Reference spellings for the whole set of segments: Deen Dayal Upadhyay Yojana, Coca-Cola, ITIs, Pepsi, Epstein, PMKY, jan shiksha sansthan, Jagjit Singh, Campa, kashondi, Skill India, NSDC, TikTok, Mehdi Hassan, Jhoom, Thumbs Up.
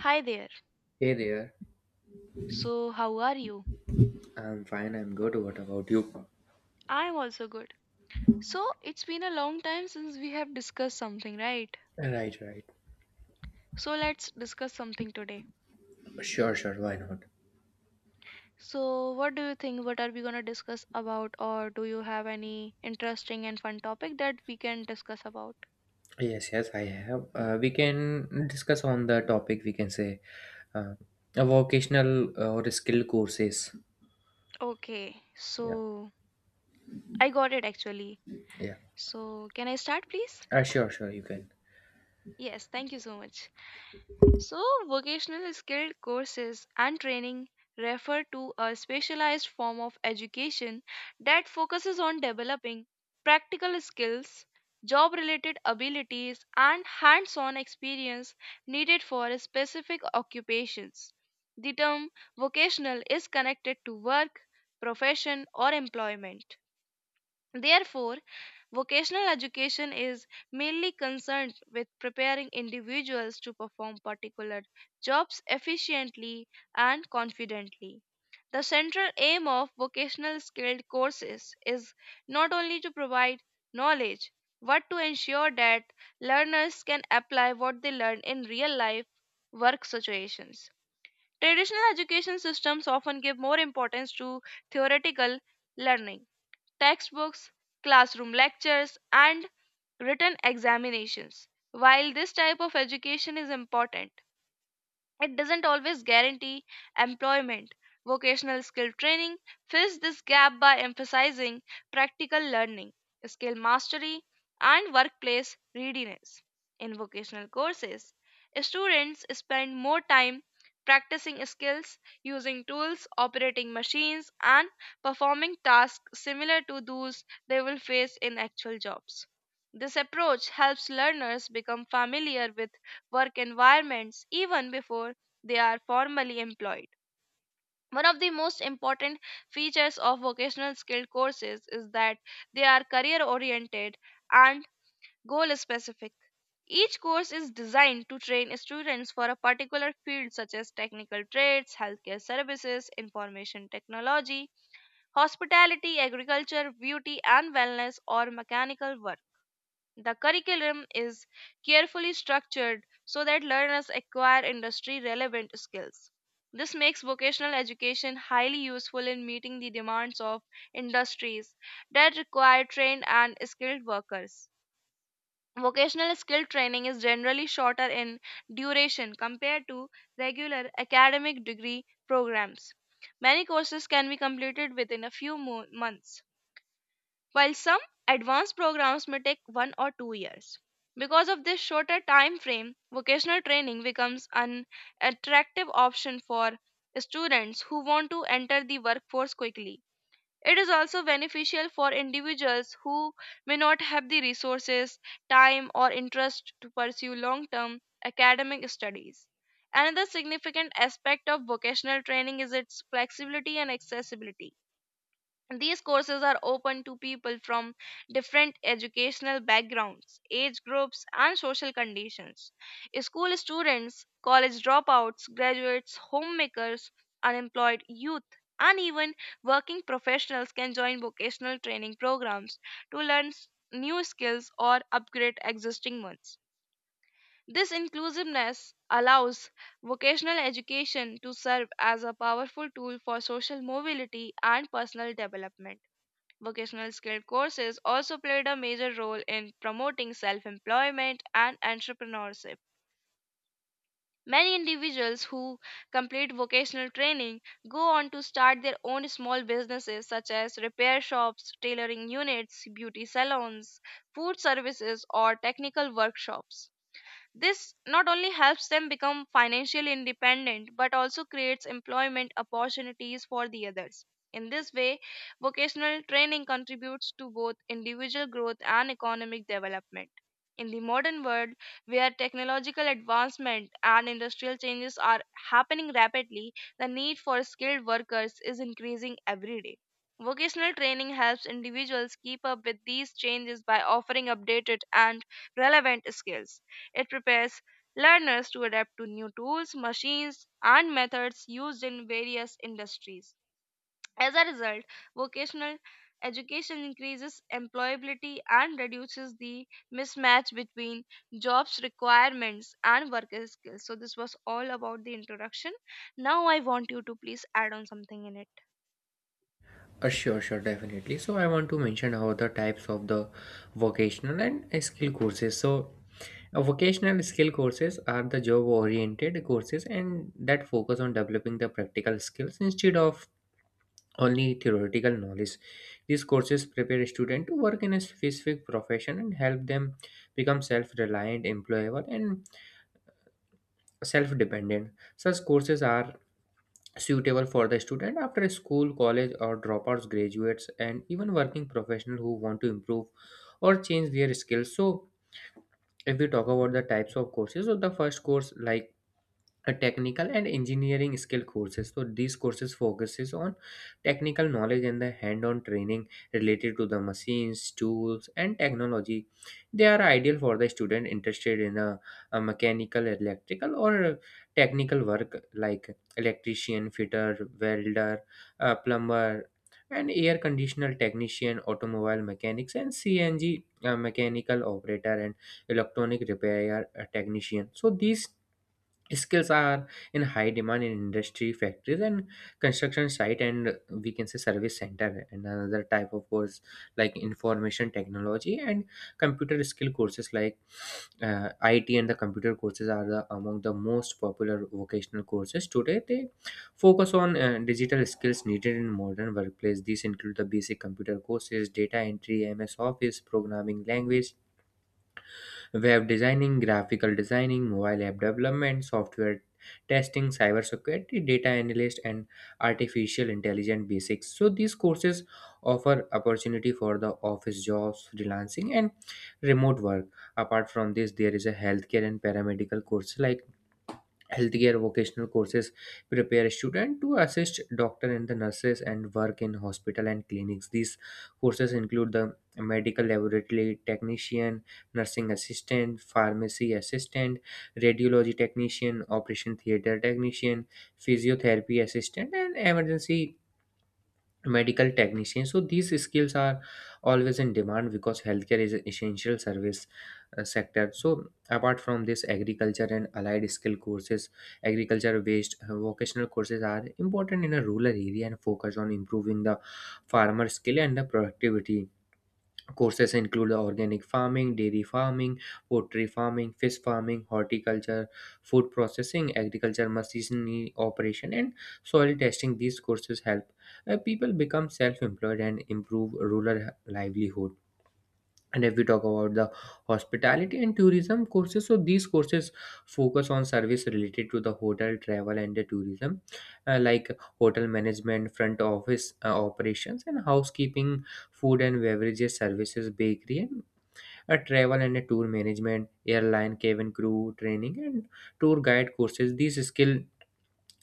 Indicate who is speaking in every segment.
Speaker 1: Hi there.
Speaker 2: Hey there,
Speaker 1: So, how are you?
Speaker 2: I'm good. What about you?
Speaker 1: I'm also good. So, it's been a long time since we have discussed something, right?
Speaker 2: Right, right.
Speaker 1: So, let's discuss something today.
Speaker 2: Sure, sure, why not?
Speaker 1: So, what do you think? What are we going to discuss about, or do you have any interesting and fun topic that we can discuss about?
Speaker 2: Yes, yes, I have. We can discuss on the topic, we can say uh, a vocational or skill courses.
Speaker 1: Okay,
Speaker 2: Yeah,
Speaker 1: so I got it actually.
Speaker 2: yeah.
Speaker 1: So, can I start, please?
Speaker 2: Sure, sure, you can.
Speaker 1: Yes, thank you so much. So, vocational skilled courses and training refer to a specialized form of education that focuses on developing practical skills, job related abilities, and hands on experience needed for specific occupations. The term vocational is connected to work, profession, or employment. Therefore, vocational education is mainly concerned with preparing individuals to perform particular jobs efficiently and confidently. The central aim of vocational skilled courses is not only to provide knowledge, but to ensure that learners can apply what they learn in real life work situations. Traditional education systems often give more importance to theoretical learning textbooks, classroom lectures, and written examinations. While this type of education is important, it doesn't always guarantee employment. Vocational skill training fills this gap by emphasizing practical learning, skill mastery, and workplace readiness. In vocational courses, students spend more time practicing skills, using tools, operating machines, and performing tasks similar to those they will face in actual jobs. This approach helps learners become familiar with work environments even before they are formally employed. One of the most important features of vocational skill courses is that they are career oriented and goal specific. Each course is designed to train students for a particular field such as technical trades, healthcare services, information technology, hospitality, agriculture, beauty and wellness, or mechanical work. The curriculum is carefully structured so that learners acquire industry relevant skills. This makes vocational education highly useful in meeting the demands of industries that require trained and skilled workers. Vocational skill training is generally shorter in duration compared to regular academic degree programs. Many courses can be completed within a few months, while some advanced programs may take 1 or 2 years. Because of this shorter time frame, vocational training becomes an attractive option for students who want to enter the workforce quickly. It is also beneficial for individuals who may not have the resources, time, or interest to pursue long term academic studies. Another significant aspect of vocational training is its flexibility and accessibility. These courses are open to people from different educational backgrounds, age groups, and social conditions. School students, college dropouts, graduates, homemakers, unemployed youth, and even working professionals can join vocational training programs to learn new skills or upgrade existing ones. This inclusiveness allows vocational education to serve as a powerful tool for social mobility and personal development. Vocational skill courses also played a major role in promoting self employment and entrepreneurship. Many individuals who complete vocational training go on to start their own small businesses such as repair shops, tailoring units, beauty salons, food services, or technical workshops. This not only helps them become financially independent but also creates employment opportunities for the others. In this way, vocational training contributes to both individual growth and economic development. In the modern world, where technological advancement and industrial changes are happening rapidly, the need for skilled workers is increasing every day. Vocational training helps individuals keep up with these changes by offering updated and relevant skills. It prepares learners to adapt to new tools, machines, and methods used in various industries. As a result, vocational education increases employability and reduces the mismatch between jobs requirements and worker skills. So this was all about the introduction. Now I want you to please add on something in it.
Speaker 2: Sure, sure, definitely. So I want to mention about the types of the vocational and skill courses. So vocational skill courses are the job-oriented courses and that focus on developing the practical skills instead of only theoretical knowledge. These courses prepare a student to work in a specific profession and help them become self reliant, employable, and self dependent. Such courses are suitable for the student after school, college, or dropouts, graduates, and even working professionals who want to improve or change their skills. So, if we talk about the types of courses, so the first course, like a technical and engineering skill courses, so these courses focuses on technical knowledge and the hand-on training related to the machines, tools and technology. They are ideal for the student interested in a mechanical, electrical or technical work, like electrician, fitter, welder, plumber and air conditioner technician, automobile mechanics and CNG mechanical operator and electronic repair technician. So these skills are in high demand in industry, factories and construction site, and we can say service center. And another type of course, like information technology and computer skill courses, like IT and the computer courses are among the most popular vocational courses today. They focus on digital skills needed in modern workplace. These include the basic computer courses, data entry, MS Office, programming language, web designing, graphical designing, mobile app development, software testing, cybersecurity, data analyst, and artificial intelligence basics. So these courses offer opportunity for the office jobs, freelancing, and remote work. Apart from this, there is a healthcare and paramedical course, like healthcare vocational courses prepare students to assist doctor and the nurses and work in hospital and clinics. These courses include the medical laboratory technician, nursing assistant, pharmacy assistant, radiology technician, operation theater technician, physiotherapy assistant, and emergency medical technician. So these skills are always in demand because healthcare is an essential service sector. So apart from this, agriculture and allied skill courses, agriculture based vocational courses are important in a rural area and focus on improving the farmer skill and the productivity. Courses include organic farming, dairy farming, poultry farming, fish farming, horticulture, food processing, agriculture machinery operation, and soil testing. These courses help people become self employed and improve rural livelihood. And if we talk about the hospitality and tourism courses, so these courses focus on service related to the hotel, travel and the tourism, like hotel management, front office operations and housekeeping, food and beverages services, bakery and travel and tour management, airline cabin crew training and tour guide courses. These skill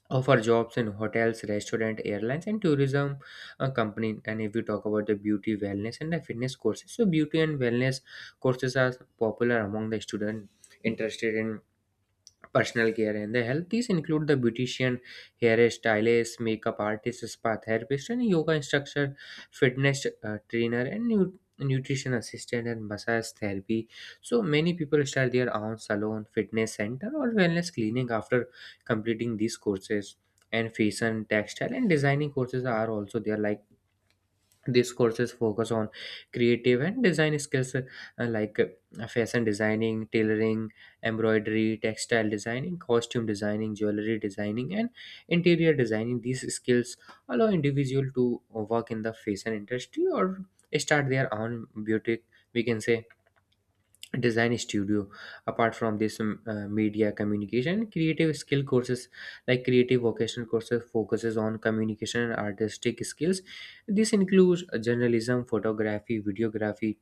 Speaker 2: offer jobs in hotels, restaurant, airlines, and tourism company. And if we talk about the beauty, wellness, and the fitness courses, so beauty and wellness courses are popular among the student interested in personal care and the health. These include the beautician, hairstylist, makeup artist, spa therapist, and yoga instructor, fitness trainer, and nutrition assistant and massage therapy. So many people start their own salon, fitness center, or wellness clinic after completing these courses. And fashion, textile, and designing courses are also there, like these courses focus on creative and design skills, like fashion designing, tailoring, embroidery, textile designing, costume designing, jewelry designing and interior designing. These skills allow individual to work in the fashion industry or start their own boutique, we can say, design studio. Apart from this, media communication, creative skill courses, like creative vocational courses focuses on communication and artistic skills. This includes journalism, photography, videography,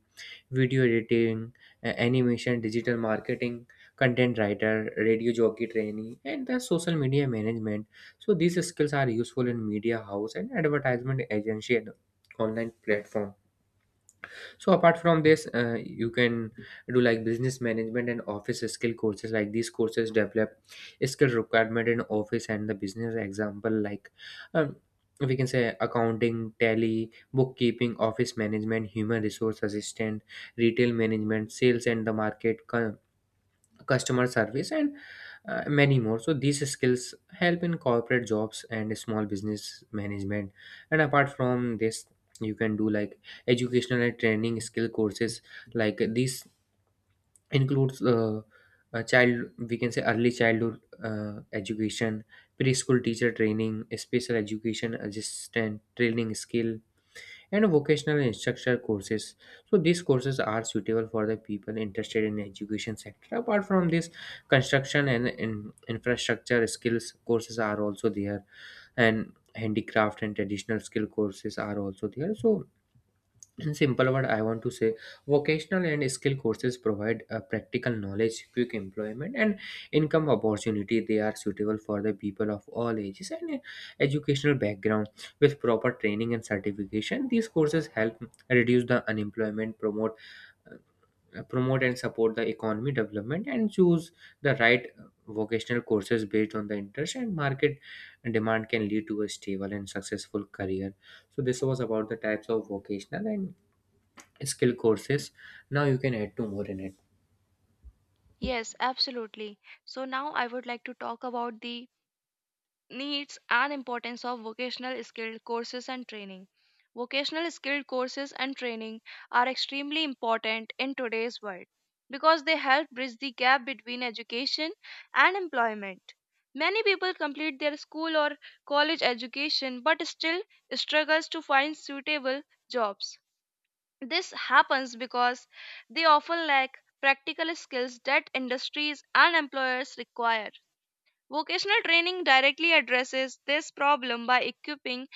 Speaker 2: video editing, animation, digital marketing, content writer, radio jockey training and the social media management. So these skills are useful in media house and advertisement agency and online platform. So apart from this, you can do like business management and office skill courses, like these courses develop skill requirement in office and the business, example like um, we can say accounting, tally, bookkeeping, office management, human resource assistant, retail management, sales and the customer service and many more. So these skills help in corporate jobs and small business management. And apart from this, you can do like educational and training skill courses, like these includes a child we can say early childhood education, preschool teacher training, special education assistant training skill and vocational instructor courses. So these courses are suitable for the people interested in education sector. Apart from this, construction and in infrastructure skills courses are also there, and handicraft and traditional skill courses are also there. So in simple word, I want to say vocational and skill courses provide practical knowledge, quick employment, and income opportunity. They are suitable for the people of all ages and educational background. With proper training and certification, these courses help reduce the unemployment, uh, promote and support the economy development, and choose the right vocational courses based on the interest and market demand, can lead to a stable and successful career. So this was about the types of vocational and skill courses. Now you can add two more in it.
Speaker 1: Yes, absolutely. So now I would like to talk about the needs and importance of vocational skilled courses and training. Vocational skilled courses and training are extremely important in today's world because they help bridge the gap between education and employment. Many people complete their school or college education but still struggles to find suitable jobs. This happens because they often lack practical skills that industries and employers require. Vocational training directly addresses this problem by equipping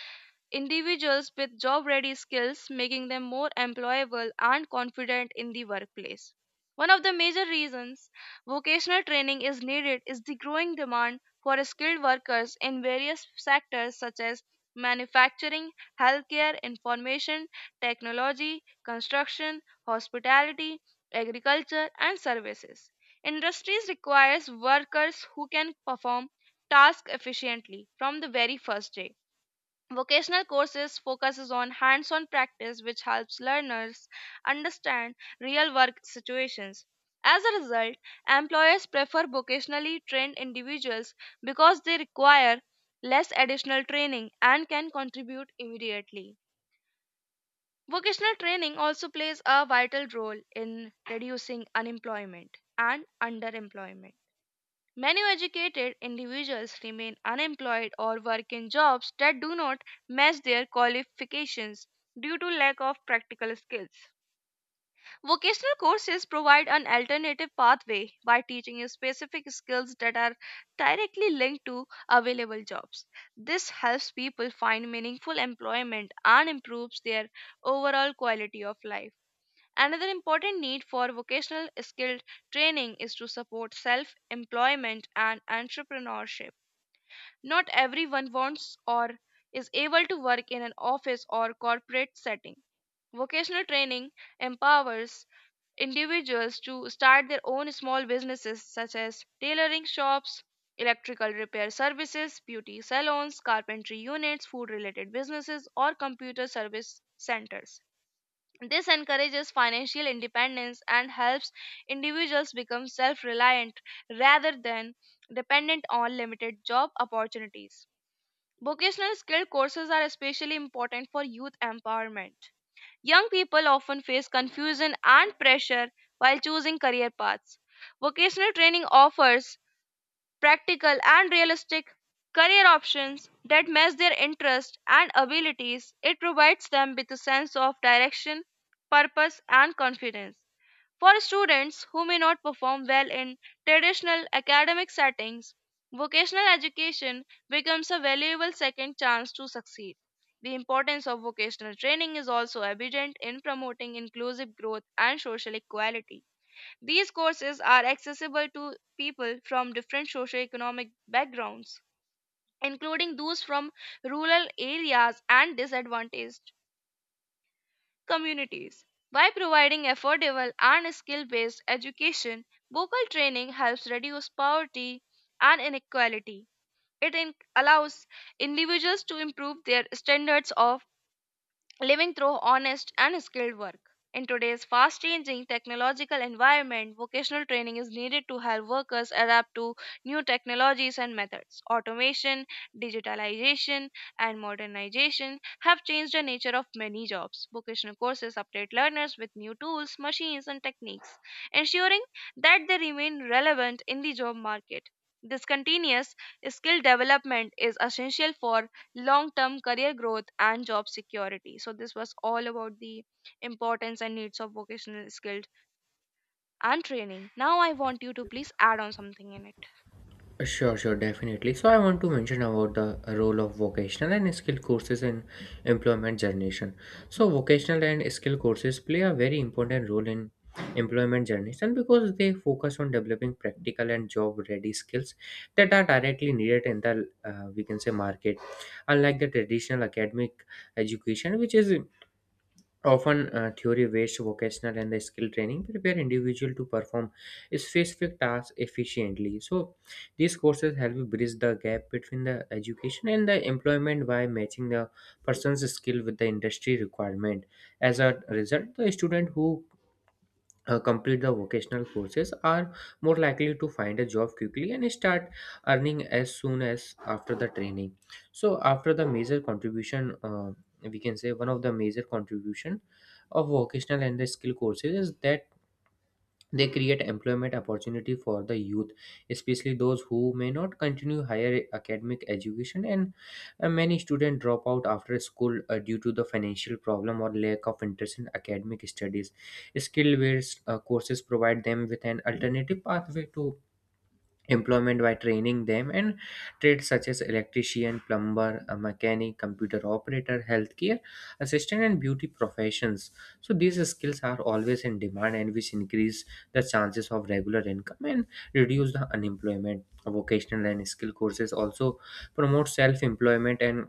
Speaker 1: individuals with job ready skills, making them more employable and confident in the workplace. One of the major reasons vocational training is needed is the growing demand for skilled workers in various sectors such as manufacturing, healthcare, information, technology, construction, hospitality, agriculture, and services. Industries requires workers who can perform tasks efficiently from the very first day. Vocational courses focuses on hands-on practice which helps learners understand real work situations. As a result, employers prefer vocationally trained individuals because they require less additional training and can contribute immediately. Vocational training also plays a vital role in reducing unemployment and underemployment. Many educated individuals remain unemployed or work in jobs that do not match their qualifications due to lack of practical skills. Vocational courses provide an alternative pathway by teaching specific skills that are directly linked to available jobs. This helps people find meaningful employment and improves their overall quality of life. Another important need for vocational skilled training is to support self employment and entrepreneurship. Not everyone wants or is able to work in an office or corporate setting. Vocational training empowers individuals to start their own small businesses such as tailoring shops, electrical repair services, beauty salons, carpentry units, food related businesses, or computer service centers. This encourages financial independence and helps individuals become self reliant rather than dependent on limited job opportunities. Vocational skill courses are especially important for youth empowerment. Young people often face confusion and pressure while choosing career paths. Vocational training offers practical and realistic career options that match their interests and abilities. It provides them with a sense of direction, purpose, and confidence. For students who may not perform well in traditional academic settings, vocational education becomes a valuable second chance to succeed. The importance of vocational training is also evident in promoting inclusive growth and social equality. These courses are accessible to people from different socioeconomic backgrounds, including those from rural areas and disadvantaged communities. By providing affordable and skill based education, vocal training helps reduce poverty and inequality. It allows individuals to improve their standards of living through honest and skilled work. In today's fast changing technological environment, vocational training is needed to help workers adapt to new technologies and methods. Automation, digitalization, and modernization have changed the nature of many jobs. Vocational courses update learners with new tools, machines, and techniques, ensuring that they remain relevant in the job market. This continuous skill development is essential for long term career growth and job security. So this was all about the importance and needs of vocational skills and training. Now I want you to please add on something in it.
Speaker 2: Sure, sure, definitely. So I want to mention about the role of vocational and skill courses in employment generation. So vocational and skill courses play a very important role in employment generation because they focus on developing practical and job ready skills that are directly needed in the, we can say, market. Unlike the traditional academic education, which is often theory-based, vocational and the skill training prepare individual to perform specific tasks efficiently. So these courses help bridge the gap between the education and the employment by matching the person's skill with the industry requirement. As a result, the student who complete the vocational courses are more likely to find a job quickly and start earning as soon as after the training. So after the major contribution we can say, one of the major contribution of vocational and the skill courses is that they create employment opportunity for the youth, especially those who may not continue higher academic education. And many students drop out after school due to the financial problem or lack of interest in academic studies. Skill-based courses provide them with an alternative pathway to employment by training them and trades such as electrician, plumber, a mechanic, computer operator, healthcare assistant and beauty professions. So these skills are always in demand and which increase the chances of regular income and reduce the unemployment. Vocational and skill courses also promote self employment and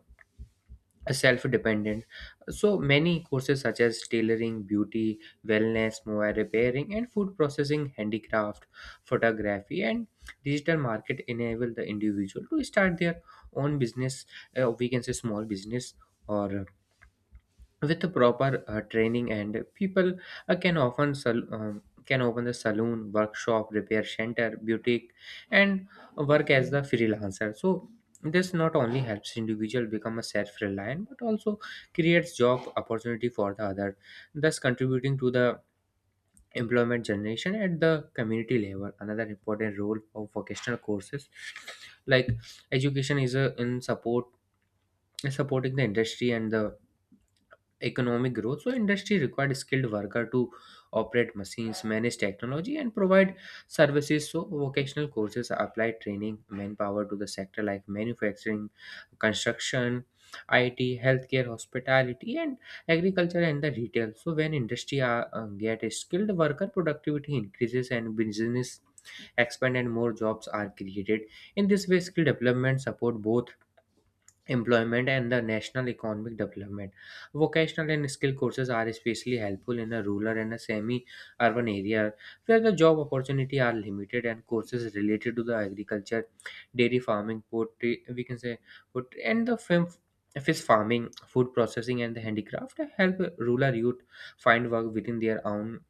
Speaker 2: self-dependent. So many courses such as tailoring, beauty, wellness, mobile repairing and food processing, handicraft, photography and digital market enable the individual to start their own business, we can say small business, or with the proper training, and people can often can open the saloon, workshop, repair center, boutique and work as the freelancer. So this not only helps individual become a self-reliant but also creates job opportunity for the other, thus contributing to the employment generation at the community level. Another important role of vocational courses like education is in supporting the industry and the economic growth. So industry required skilled worker to operate machines, manage technology and provide services. So vocational courses applied training manpower to the sector like manufacturing, construction, IT, healthcare, hospitality and agriculture and the retail. So when industry get a skilled worker, productivity increases and business expand and more jobs are created. In this way skill development support both employment and the national economic development. Vocational and skill courses are especially helpful in a rural and a semi-urban area where the job opportunity are limited, and courses related to the agriculture, dairy farming, poultry, we can say, poultry, and the film fish farming, food processing, and the handicraft help rural youth find work within their own,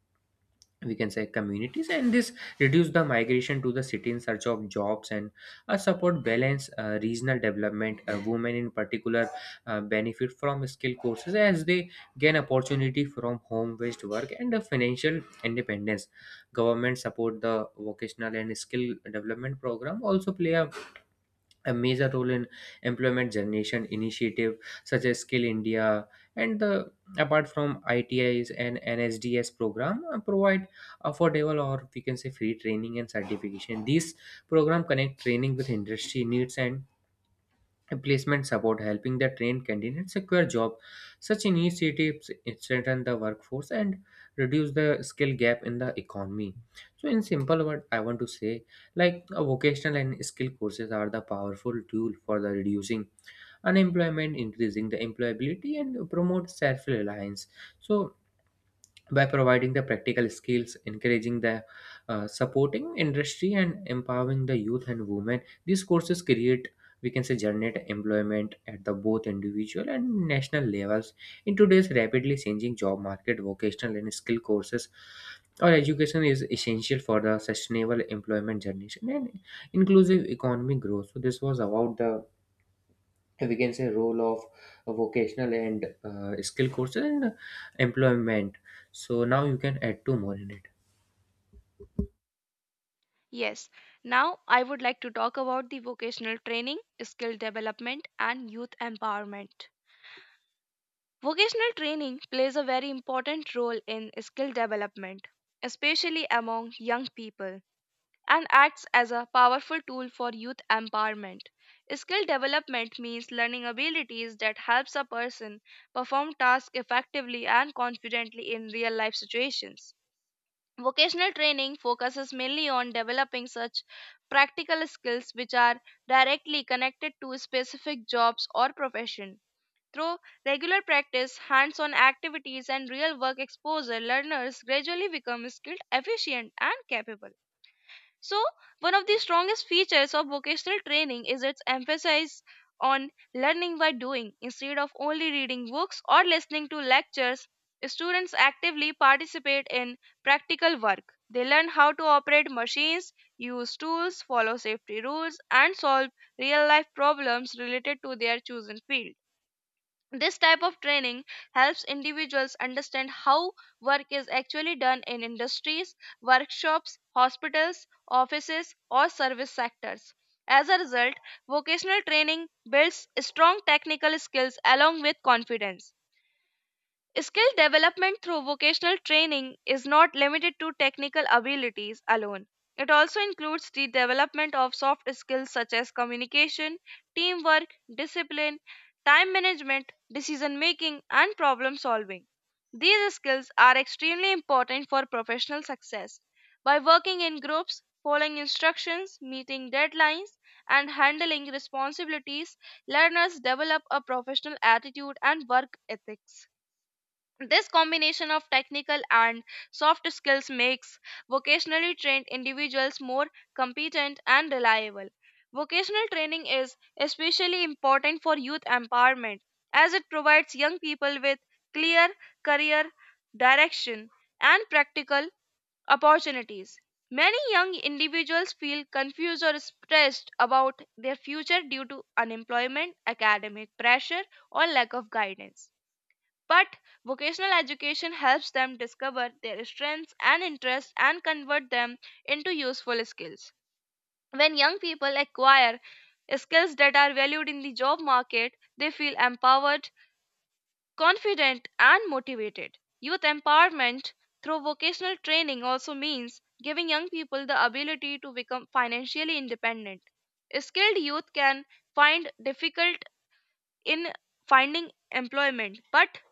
Speaker 2: we can say, communities, and this reduce the migration to the city in search of jobs and support balance regional development. Women in particular benefit from skill courses as they gain opportunity from home based work and financial independence. Government support the vocational and skill development program also play a major role in employment generation initiative such as Skill India and the, apart from ITIs and NSDs program, provide affordable, or we can say free training and certification. These program connect training with industry needs and placement support, helping the trained candidates secure job. Such initiatives strengthen the workforce and reduce the skill gap in the economy. So in simple word I want to say, like, vocational and skill courses are the powerful tool for the reducing unemployment, increasing the employability, and promote self-reliance. So by providing the practical skills, encouraging the supporting industry, and empowering the youth and women, these courses create, we can say, generate employment at the both individual and national levels. In today's rapidly changing job market, vocational and skill courses or education is essential for the sustainable employment generation and inclusive economic growth. So this was about the, we can say, role of vocational and skill courses and employment. So now you can add two more in it.
Speaker 1: Yes, now I would like to talk about the vocational training, skill development, and youth empowerment. Vocational training plays a very important role in skill development, especially among young people, and acts as a powerful tool for youth empowerment. Skill development means learning abilities that helps a person perform tasks effectively and confidently in real life situations. Vocational training focuses mainly on developing such practical skills which are directly connected to specific jobs or profession. Through regular practice, hands on activities, and real work exposure, learners gradually become skilled, efficient, and capable. So, one of the strongest features of vocational training is its emphasis on learning by doing. Instead of only reading books or listening to lectures, students actively participate in practical work. They learn how to operate machines, use tools, follow safety rules, and solve real life problems related to their chosen field. This type of training helps individuals understand how work is actually done in industries, workshops, hospitals, offices, or service sectors. As a result, vocational training builds strong technical skills along with confidence. Skill development through vocational training is not limited to technical abilities alone. It also includes the development of soft skills such as communication, teamwork, discipline, time management, decision making, and problem solving. These skills are extremely important for professional success. By working in groups, following instructions, meeting deadlines, and handling responsibilities, learners develop a professional attitude and work ethics. This combination of technical and soft skills makes vocationally trained individuals more competent and reliable. Vocational training is especially important for youth empowerment as it provides young people with clear career direction and practical opportunities. Many young individuals feel confused or stressed about their future due to unemployment, academic pressure, or lack of guidance. But vocational education helps them discover their strengths and interests and convert them into useful skills. When young people acquire skills that are valued in the job market, they feel empowered, confident, and motivated. Youth empowerment through vocational training also means giving young people the ability to become financially independent. Skilled youth can find difficult in finding employment, but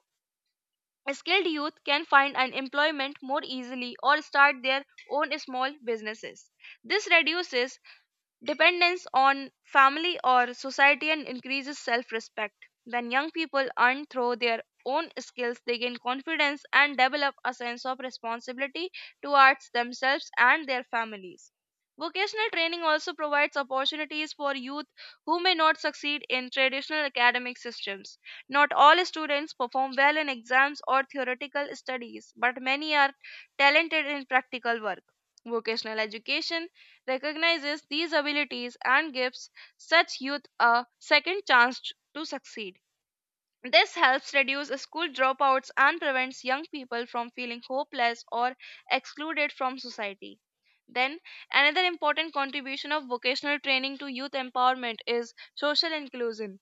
Speaker 1: skilled youth can find an employment more easily or start their own small businesses. This reduces dependence on family or society and increases self respect. When young people earn through their own skills, they gain confidence and develop a sense of responsibility towards themselves and their families. Vocational training also provides opportunities for youth who may not succeed in traditional academic systems. Not all students perform well in exams or theoretical studies, but many are talented in practical work. Vocational education recognizes these abilities and gives such youth a second chance to succeed. This helps reduce school dropouts and prevents young people from feeling hopeless or excluded from society. Then, another important contribution of vocational training to youth empowerment is social inclusion.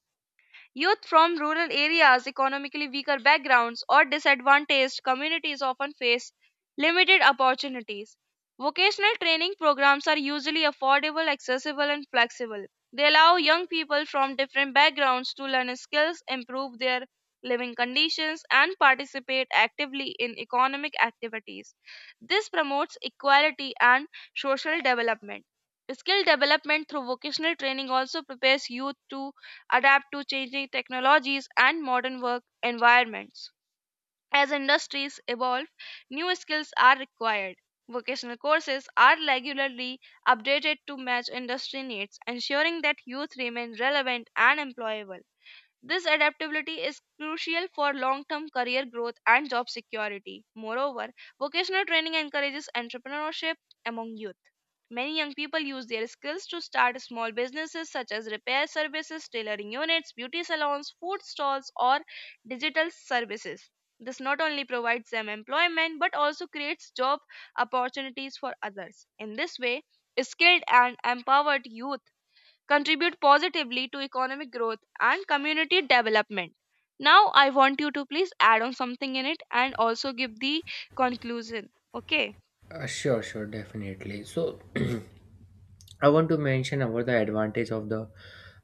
Speaker 1: Youth from rural areas, economically weaker backgrounds, or disadvantaged communities often face limited opportunities. Vocational training programs are usually affordable, accessible, and flexible. They allow young people from different backgrounds to learn skills, improve their living conditions, and participate actively in economic activities. This promotes equality and social development. Skill development through vocational training also prepares youth to adapt to changing technologies and modern work environments. As industries evolve, new skills are required. Vocational courses are regularly updated to match industry needs, ensuring that youth remain relevant and employable. This adaptability is crucial for long term career growth and job security. Moreover, vocational training encourages entrepreneurship among youth. Many young people use their skills to start small businesses such as repair services, tailoring units, beauty salons, food stalls, or digital services. This not only provides them employment but also creates job opportunities for others. In this way, skilled and empowered youth contribute positively to economic growth and community development. Now, I want you to please add on something in it and also give the conclusion. Okay,
Speaker 2: Sure, sure, definitely. So, I want to mention about the advantage of the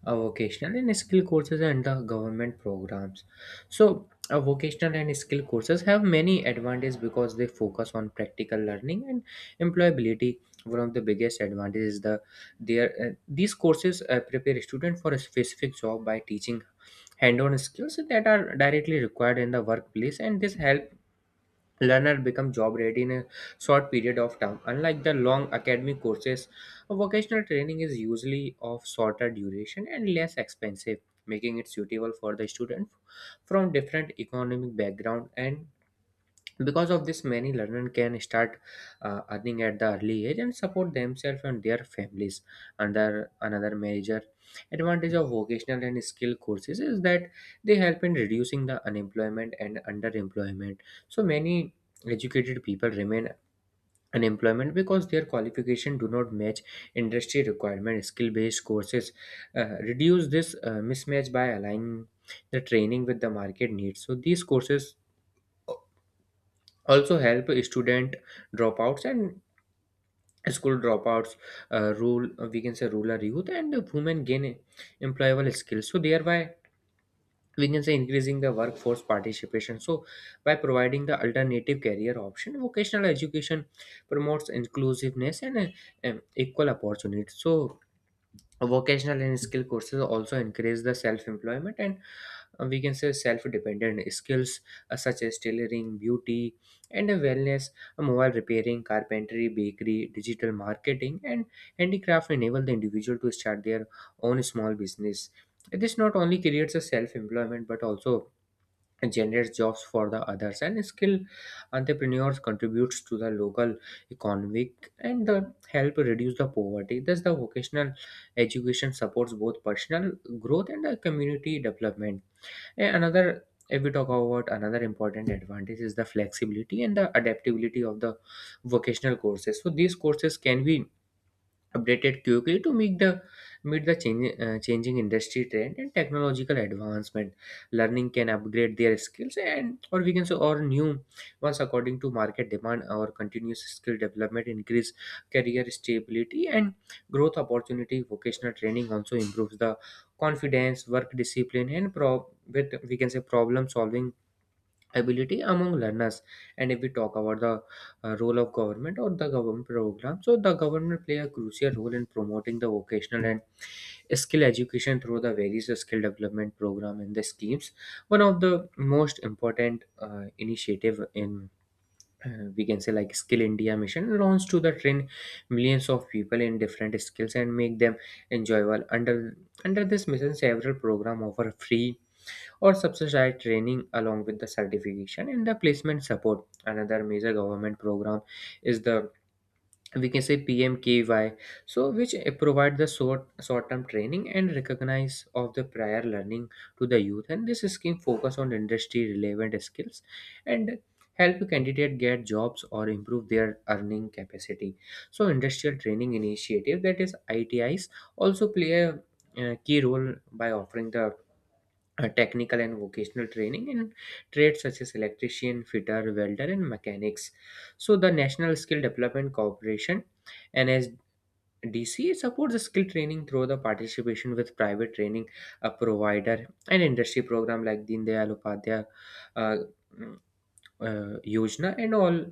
Speaker 2: vocational and skill courses and the government programs. So, vocational and skill courses have many advantages because they focus on practical learning and employability. One of the biggest advantages is these courses prepare a student for a specific job by teaching hand-on skills that are directly required in the workplace, and this help learner become job ready in a short period of time. Unlike the long academic courses, vocational training is usually of shorter duration and less expensive, making it suitable for the student from different economic background, and because of this many learners can start earning at the early age and support themselves and their families. Under another major advantage of vocational and skill courses is that they help in reducing the unemployment and underemployment. So many educated people remain unemployment because their qualification do not match industry requirement. Skill based courses reduce this mismatch by aligning the training with the market needs. So these courses also help student dropouts and school dropouts, rule we can say rural youth, and women gain employable skills, so thereby, we can say, increasing the workforce participation. So by providing the alternative career option, vocational education promotes inclusiveness and equal opportunities. So vocational and skill courses also increase the self employment and, we can say, self-dependent skills such as tailoring, beauty and wellness, mobile repairing, carpentry, bakery, digital marketing, and handicraft enable the individual to start their own small business. This not only creates a self-employment but also generates jobs for the others, and skill entrepreneurs contributes to the local economic and the help reduce the poverty. Thus the vocational education supports both personal growth and the community development. And another, if we talk about another important advantage, is the flexibility and the adaptability of the vocational courses. So these courses can be updated quickly to meet the changing industry trend and technological advancement. Learning can upgrade their skills and, or we can say, or new ones according to market demand, or continuous skill development increase career stability and growth opportunity. Vocational training also improves the confidence, work discipline, and pro with we can say problem solving ability among learners. And if we talk about the role of government or the government program, so the government play a crucial role in promoting the vocational and skill education through the various skill development program and the schemes. One of the most important initiative in, we can say, like Skill India mission, launched to the train millions of people in different skills and make them enjoyable. Under this mission, several program offer free or subsidized training along with the certification and the placement support. Another major government program is the, we can say, PMKY, so which provide the short term training and recognize of the prior learning to the youth. And this scheme focus on industry relevant skills and help candidate get jobs or improve their earning capacity. So industrial training initiative, that is ITIs, also play a key role by offering the technical and vocational training in trades such as electrician, fitter, welder, and mechanics. So, the National Skill Development Corporation, NSDC, supports the skill training through the participation with private training provider and industry program like Deen Dayal Upadhyay uh, mm, Yojana, and all,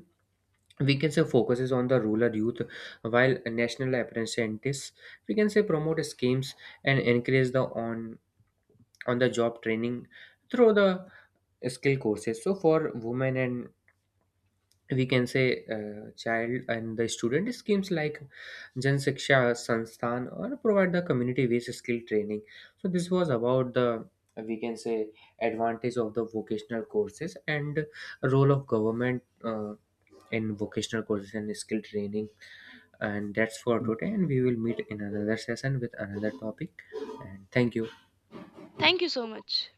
Speaker 2: we can say, focuses on the rural youth, while national apprentices, we can say, promote schemes and encourage the on the job training through the skill courses. So for women and, we can say, child and the student, schemes like Jan Shiksha Sansthan or provide the community based skill training. So this was about the, we can say, advantage of the vocational courses and role of government in vocational courses and skill training. And that's for today. And we will meet in another session with another topic. And thank you.
Speaker 1: thank you so much.